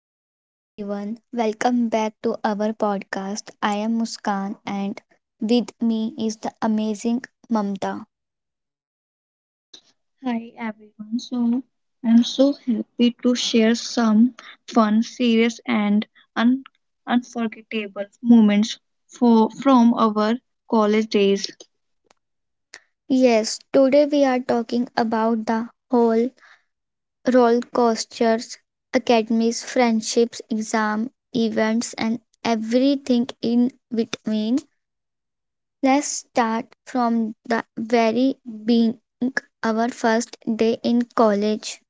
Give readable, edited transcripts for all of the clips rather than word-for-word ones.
Hello everyone, welcome back to our podcast. I am Muskan and with me is the amazing Mamta. Hi everyone. So I'm so happy to share some fun, serious, and un- unforgettable moments for from our college days. Yes, today we are talking about the whole roller coasters, academies, friendships, exam, events, and everything in between. Let's start from the very being our first day in college.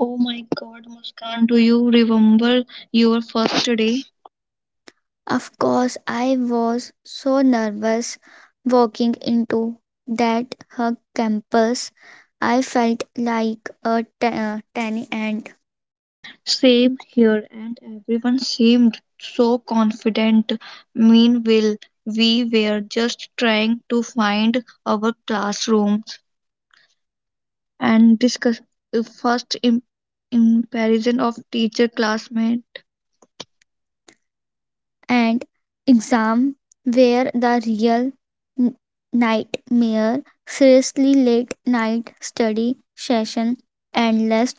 Oh my God, Muskan, do you remember your first day? Of course, I was so nervous walking into that her campus. I felt like a tiny ant. Same here, and everyone seemed so confident. Meanwhile, we were just trying to find our classroom. And discuss the comparison of teacher classmate. And exam where the real n- nightmare, seriously late night study session, endless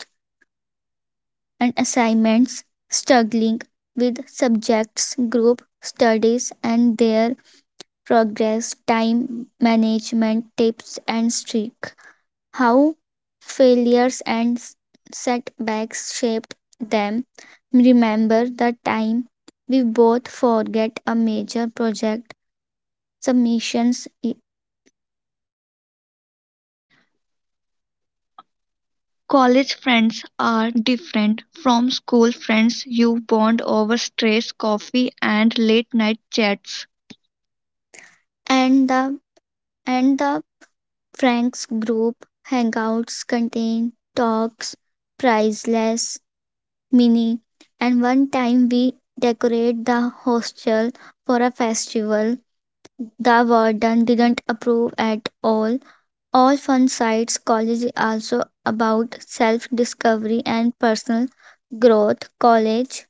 and assignments, struggling with subjects, group studies, and their progress, time management tips and streak, how failures and setbacks shaped them. Remember the time we both forget a major project submissions College friends are different from school friends. You bond over stress, coffee, and late night chats. and the Frank's group hangouts contain talks, priceless, mini, and one time we decorate the hostel for a festival. The warden didn't approve at all. All fun sites college is also about self discovery and personal growth. College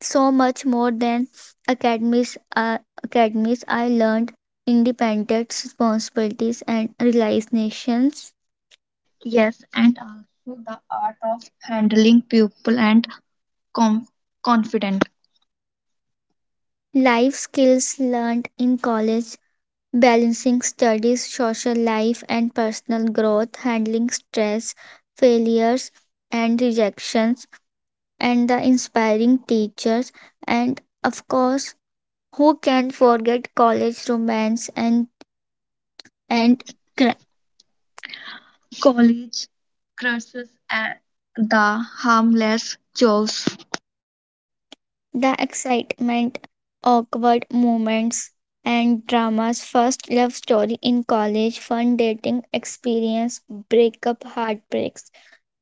so much more than academies uh, academies I learned independence, responsibilities and realizations. Yes, and also the art of handling people and com- confident. Life skills learned in college balancing studies, social life and personal growth, handling stress, failures and rejections and the inspiring teachers and of course who can forget college romance and And and cr- cl- college crushes and the harmless jokes. the excitement awkward moments and dramas first love story in college fun dating experience breakup heartbreaks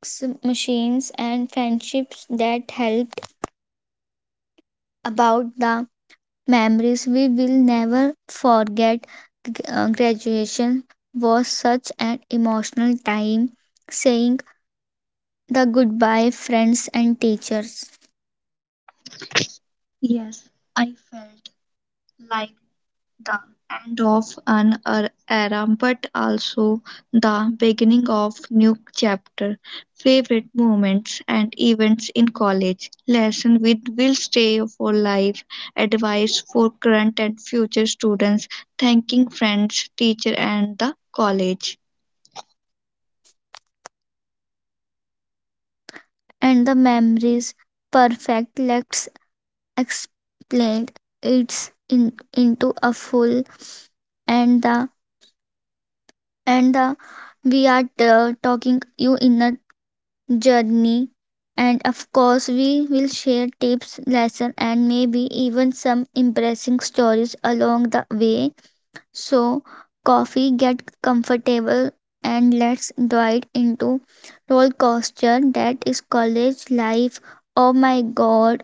machines and friendships that helped about the memories we will never forget. Graduation was such an emotional time, saying the goodbye friends and teachers, Yes, I felt like the end of an era but also the beginning of new chapter favorite moments and events in college lesson with will stay for life advice for current and future students thanking friends teacher and the college. and the memories perfect. Let's explain it's in, into a full and the and the we are talking you in a journey and of course we will share tips lesson and maybe even some impressive stories along the way. So coffee get comfortable and let's dive into roller coaster that is college life. Oh my god,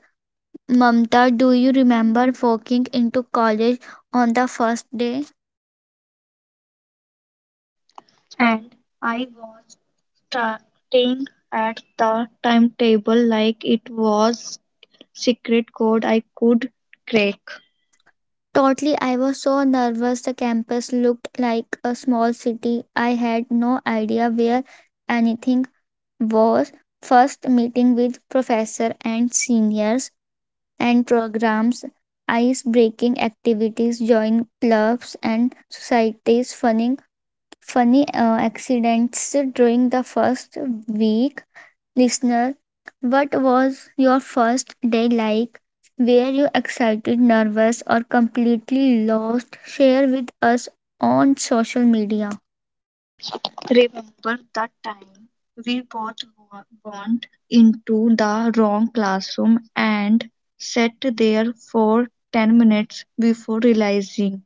Mamta, do you remember walking into college on the first day? And I was starting at the timetable like it was secret code I could crack. Totally, I was so nervous. The campus looked like a small city. I had no idea where anything was. First meeting with professor and seniors and programs, ice breaking activities, join clubs and societies, funny, funny accidents during the first week. Listener, what was your first day like? Were you excited, nervous, or completely lost? Share with us on social media. Remember that time we both went into the wrong classroom and sat there for 10 minutes before realizing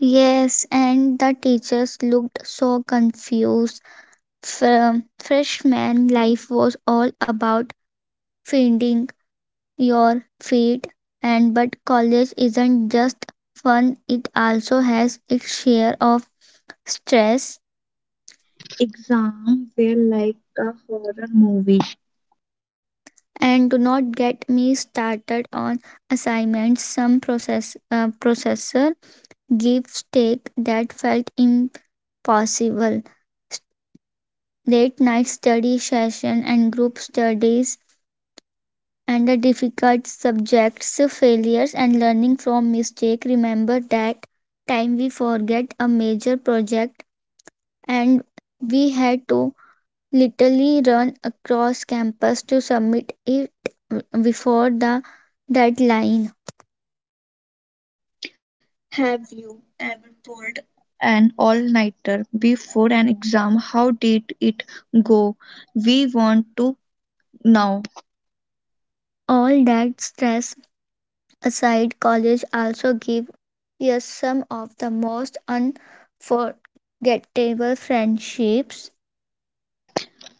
Yes, and the teachers looked so confused. Fr- Freshman life was all about finding your feet, and but college isn't just fun, it also has its share of stress. exam were like a horror movie. And do not get me started on assignments. Processor gives take that felt impossible. Late night study session and group studies and the difficult subjects, failures and learning from mistake. Remember that time we forget a major project and we had to literally run across campus to submit it before the deadline. Have you ever pulled an all nighter before an exam? How did it go? We want to know. All that stress aside, college also gave us some of the most unforgettable friendships.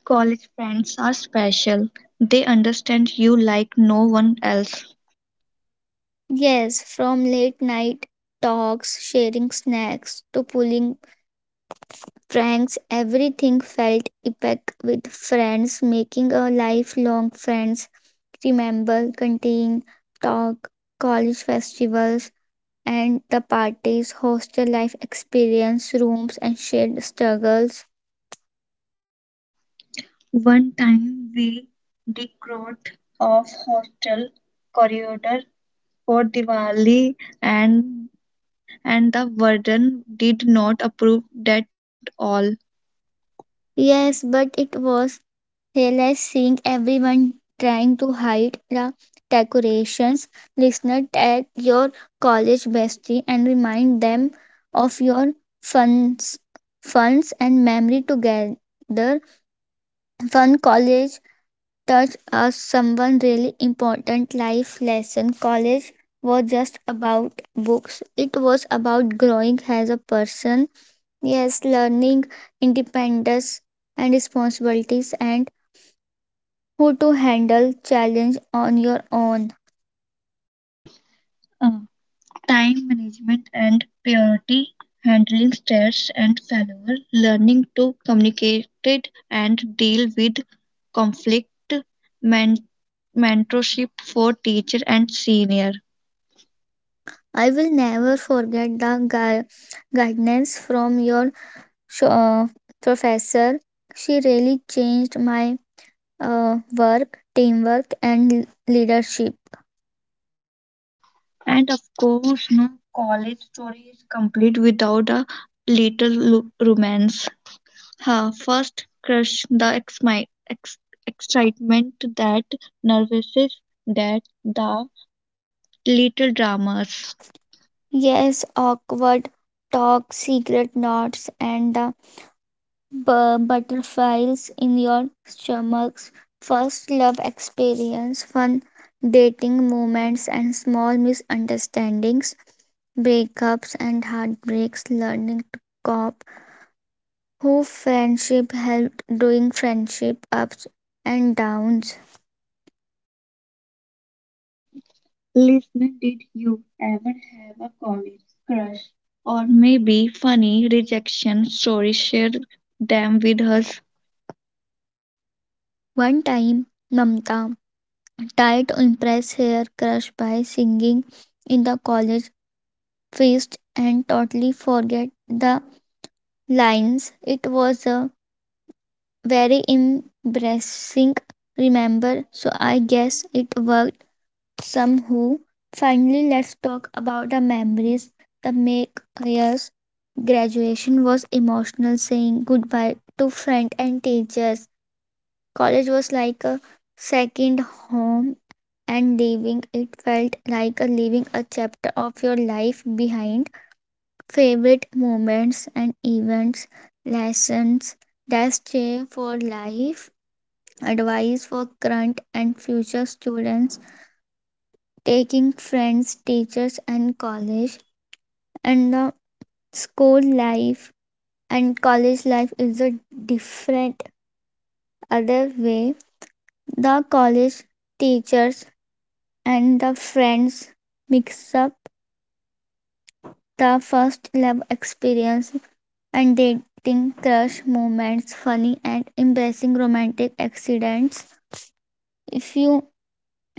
College friends are special, they understand you like no one else. Yes, from late night talks, sharing snacks, to pulling pranks, everything felt epic with friends, making a lifelong friends. Remember canteen talk, college festivals, and the parties, hostel life experience, rooms, and shared struggles. One time we decked off hostel corridor for Diwali and the warden did not approve that all. Yes, but it was hilarious seeing everyone trying to hide the decorations. Listener, tag your college bestie and remind them of your funs, funs and memory together. Fun college taught us someone really important life lesson. College was just about books. It was about growing as a person. Yes, learning independence and responsibilities and how to handle challenge on your own. Uh, Time management and priority handling stress and failure, learning to communicate it and deal with conflict, men- mentorship for teacher and senior. I will never forget the guidance from your sh- uh, professor. She really changed my work, teamwork, and leadership. And of course, no college story is complete without a little romance. Huh, first crush, the excitement, that nervousness, that the little dramas. Yes, awkward talk, secret notes, and the butterflies in your stomachs, first love experience, fun dating moments, and small misunderstandings, breakups and heartbreaks, learning to cope, who friendship helped doing friendship ups and downs. Listener, did you ever have a college crush? Or maybe funny rejection story? Share them with us. One time, Mamta tried to impress her crush by singing in the college feast and totally forget the lines. It was a very embarrassing, remember? So I guess it worked somehow. Finally, let's talk about the memories that make years. Graduation was emotional, saying goodbye to friends and teachers. College was like a second home, and leaving it felt like a leaving a chapter of your life behind. Favorite moments and events, lessons that stay for life, advice for current and future students, taking friends teachers and college and the school life and college life is a different other way, the college teachers and the friends mix up the first love experience and dating crush moments, funny and embarrassing romantic accidents. If you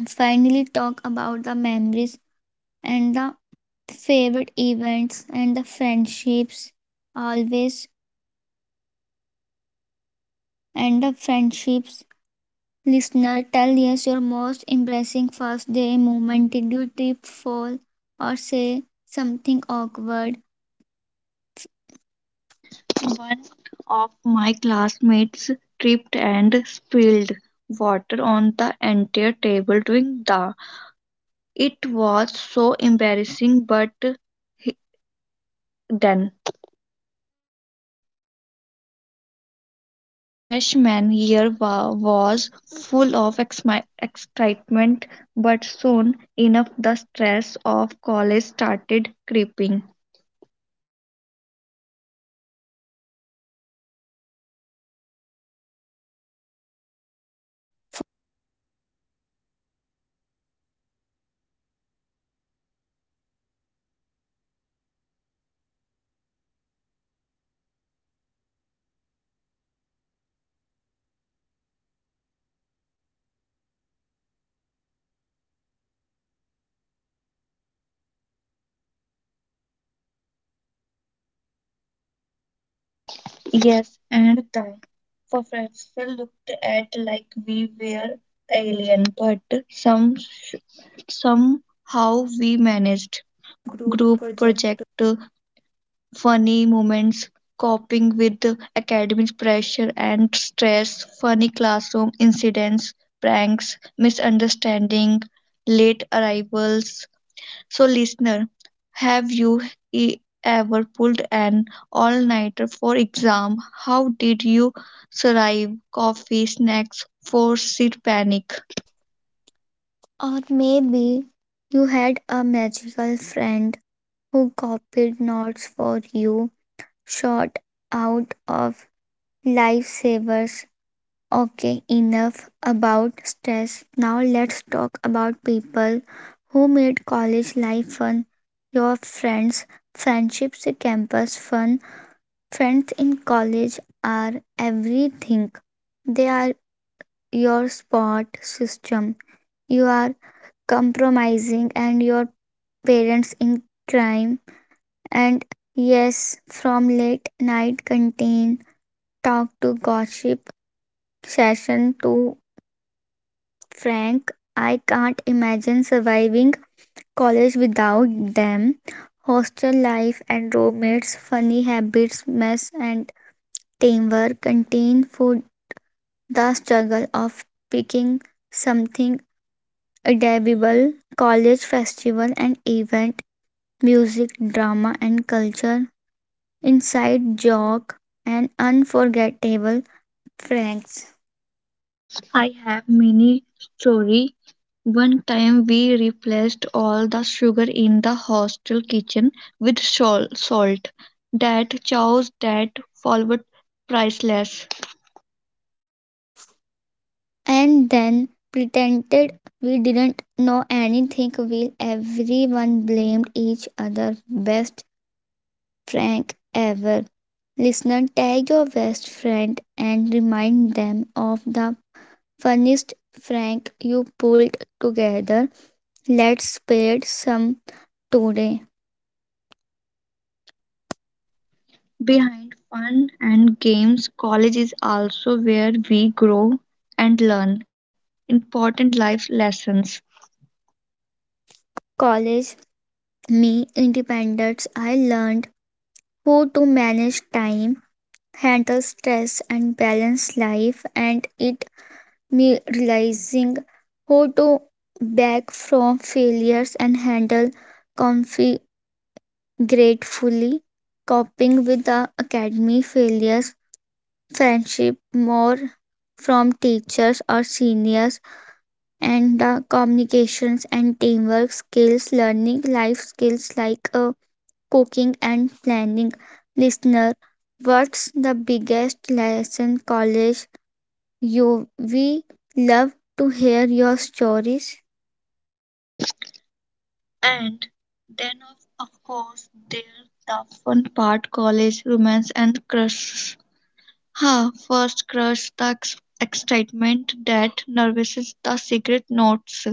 finally talk about the memories and the favorite events and the friendships always and the friendships. Listener, tell us your most embarrassing first day moment. Did you trip fall or say something awkward? One of my classmates tripped and spilled water on the entire table during the. It was so embarrassing, but he- then freshman year was full of excitement, but soon enough the stress of college started creeping. Exam where honestly tripping remember study all night and still forgetting everything the next morning, and the assignments not get we started, professor would give a task and accept miracle overnight. Remember that time we both forget a major project and literally run across campus to submit it. Yes, and the professor looked at like we were alien, but some somehow we managed. Group Group project. project, funny moments, coping with academic pressure and stress, funny classroom incidents, pranks, misunderstanding, late arrivals. So, listener, have you e- ever pulled an all-nighter for exam? How did you survive? Coffee, snacks, forced panic. Or maybe you had a magical friend who copied notes for you, short out of lifesavers. Okay, enough about stress. Now let's talk about people who made college life fun. Your friends, friendships, campus fun. Friends in college are everything. They are your support system. You are compromising and your parents in crime. And yes, from late night canteen talk to gossip session to Frank, I can't imagine surviving college without them. Hostel life and roommates, funny habits, mess and teamwork, canteen food, the struggle of picking something edible, college festival and event, music, drama and culture, inside joke, and unforgettable Franks. I have many story. One time we replaced all the sugar in the hostel kitchen with salt. That chows that forward priceless. And then pretended we didn't know anything while everyone blamed each other. Best prank ever. Listener, tag your best friend and remind them of the funniest prank you pulled together. Let's pair some today. Behind fun and games, college is also where we grow and learn important life lessons. College, me, independence. I learned how to manage time, handle stress, and balance life, and it me realizing how to back from failures and handle conflict gratefully, coping with the academy failures, friendship more from teachers or seniors, and the communications and teamwork skills, learning life skills like cooking and planning. Listener, what's the biggest lesson college you, we love to hear your stories, And then, of, of course, there's the fun part college romance and crushes. Huh, first crush, the excitement that nourishes the secret notes.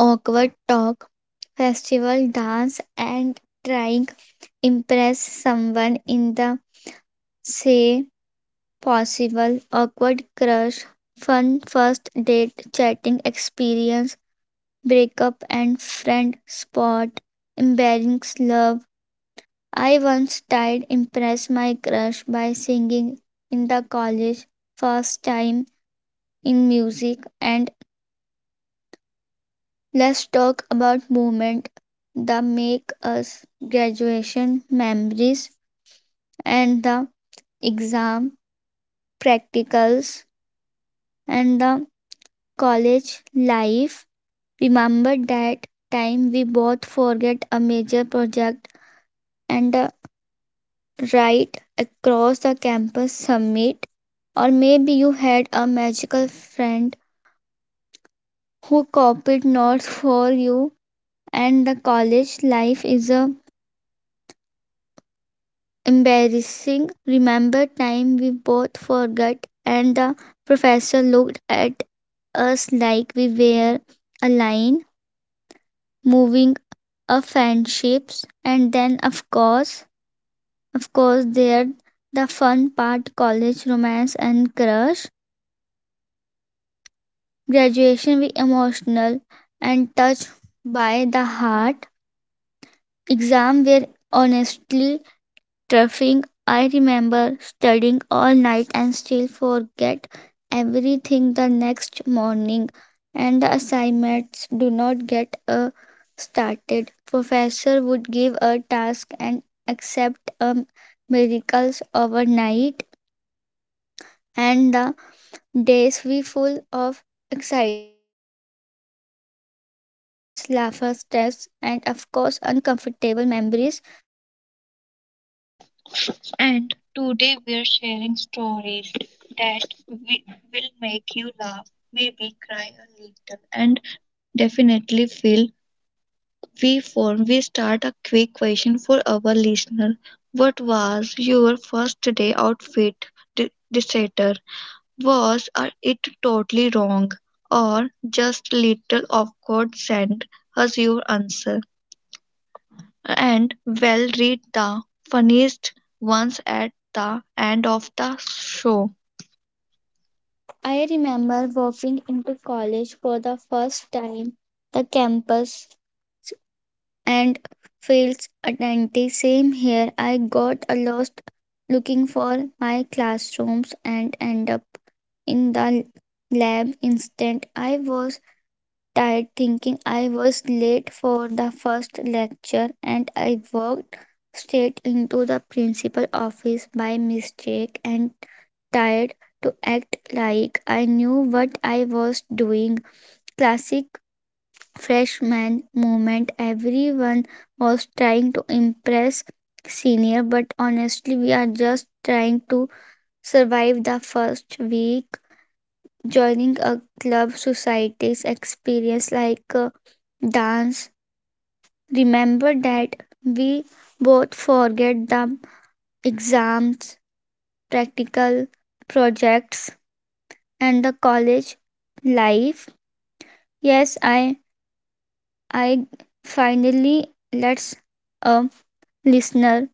awkward talk, festival dance, and trying impress someone in the say possible awkward crush, fun first date, chatting experience, breakup and friend spot, embarrassing love. I once tried impress my crush by singing in the college first time in music and let's talk about movement that make us graduation memories and the exam practicals and the college life. Remember that time we both forget a major project and a ride across the campus summit, or maybe you had a magical friend who copied notes for you and the college life is a embarrassing. Remember time we both forgot and the professor looked at us like we were a line moving a friendships, and then of course there the fun part college romance and crush graduation we emotional and touched by the heart. Exam were honestly surfing, I remember studying all night and still forget everything the next morning, and the assignments do not get started. Professor would give a task and accept miracles overnight, and the days were full of excitement, nervous laughter, stress, and of course uncomfortable memories and And today we're sharing stories that will make you laugh, maybe cry a little. And definitely feel we form we start a quick question for our listener, what was your first day outfit de- decider, was it totally wrong or just little awkward, send us your answer and and well we'll read the funniest ones at the end of the show. I remember walking into college for the first time. The campus and fields identity same here. I got a lost looking for my classrooms and end up in the lab instant. I was tired thinking I was late for the first lecture and I walked straight into the principal office by mistake and tired to act like I knew what I was doing. Classic freshman moment. Everyone was trying to impress senior, but honestly, we are just trying to survive the first week. Joining a club society's experience like a dance. Remember that we both forget the exams, practical projects, and the college life. Yes, I finally let's a listener.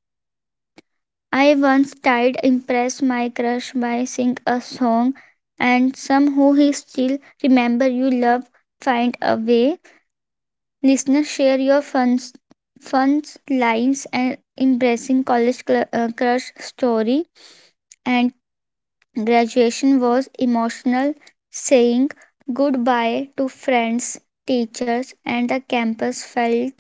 I once tried impress my crush by sing a song and some who he still remember you love find a way. Listener share your fun lines and embracing college crush story and graduation was emotional saying goodbye to friends teachers and the campus felt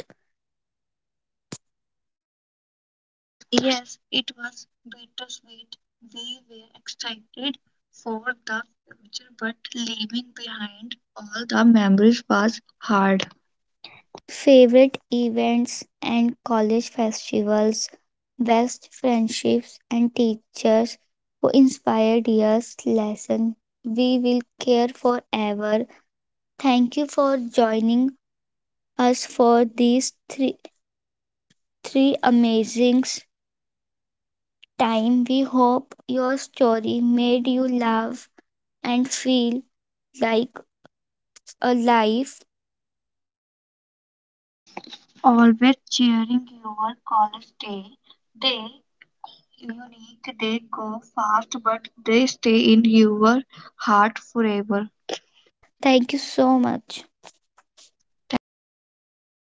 Yes, it was bittersweet. We were excited for the future, but leaving behind all the memories was hard. favorite events and college festivals, best friendships and teachers who inspired us lesson we will care forever. Thank you for joining us for these three amazing time. We hope your story made you laugh and feel like a life. Always cheering your college day. They unique, they go fast, but they stay in your heart forever. Thank you so much. Thank Thank you. you. Take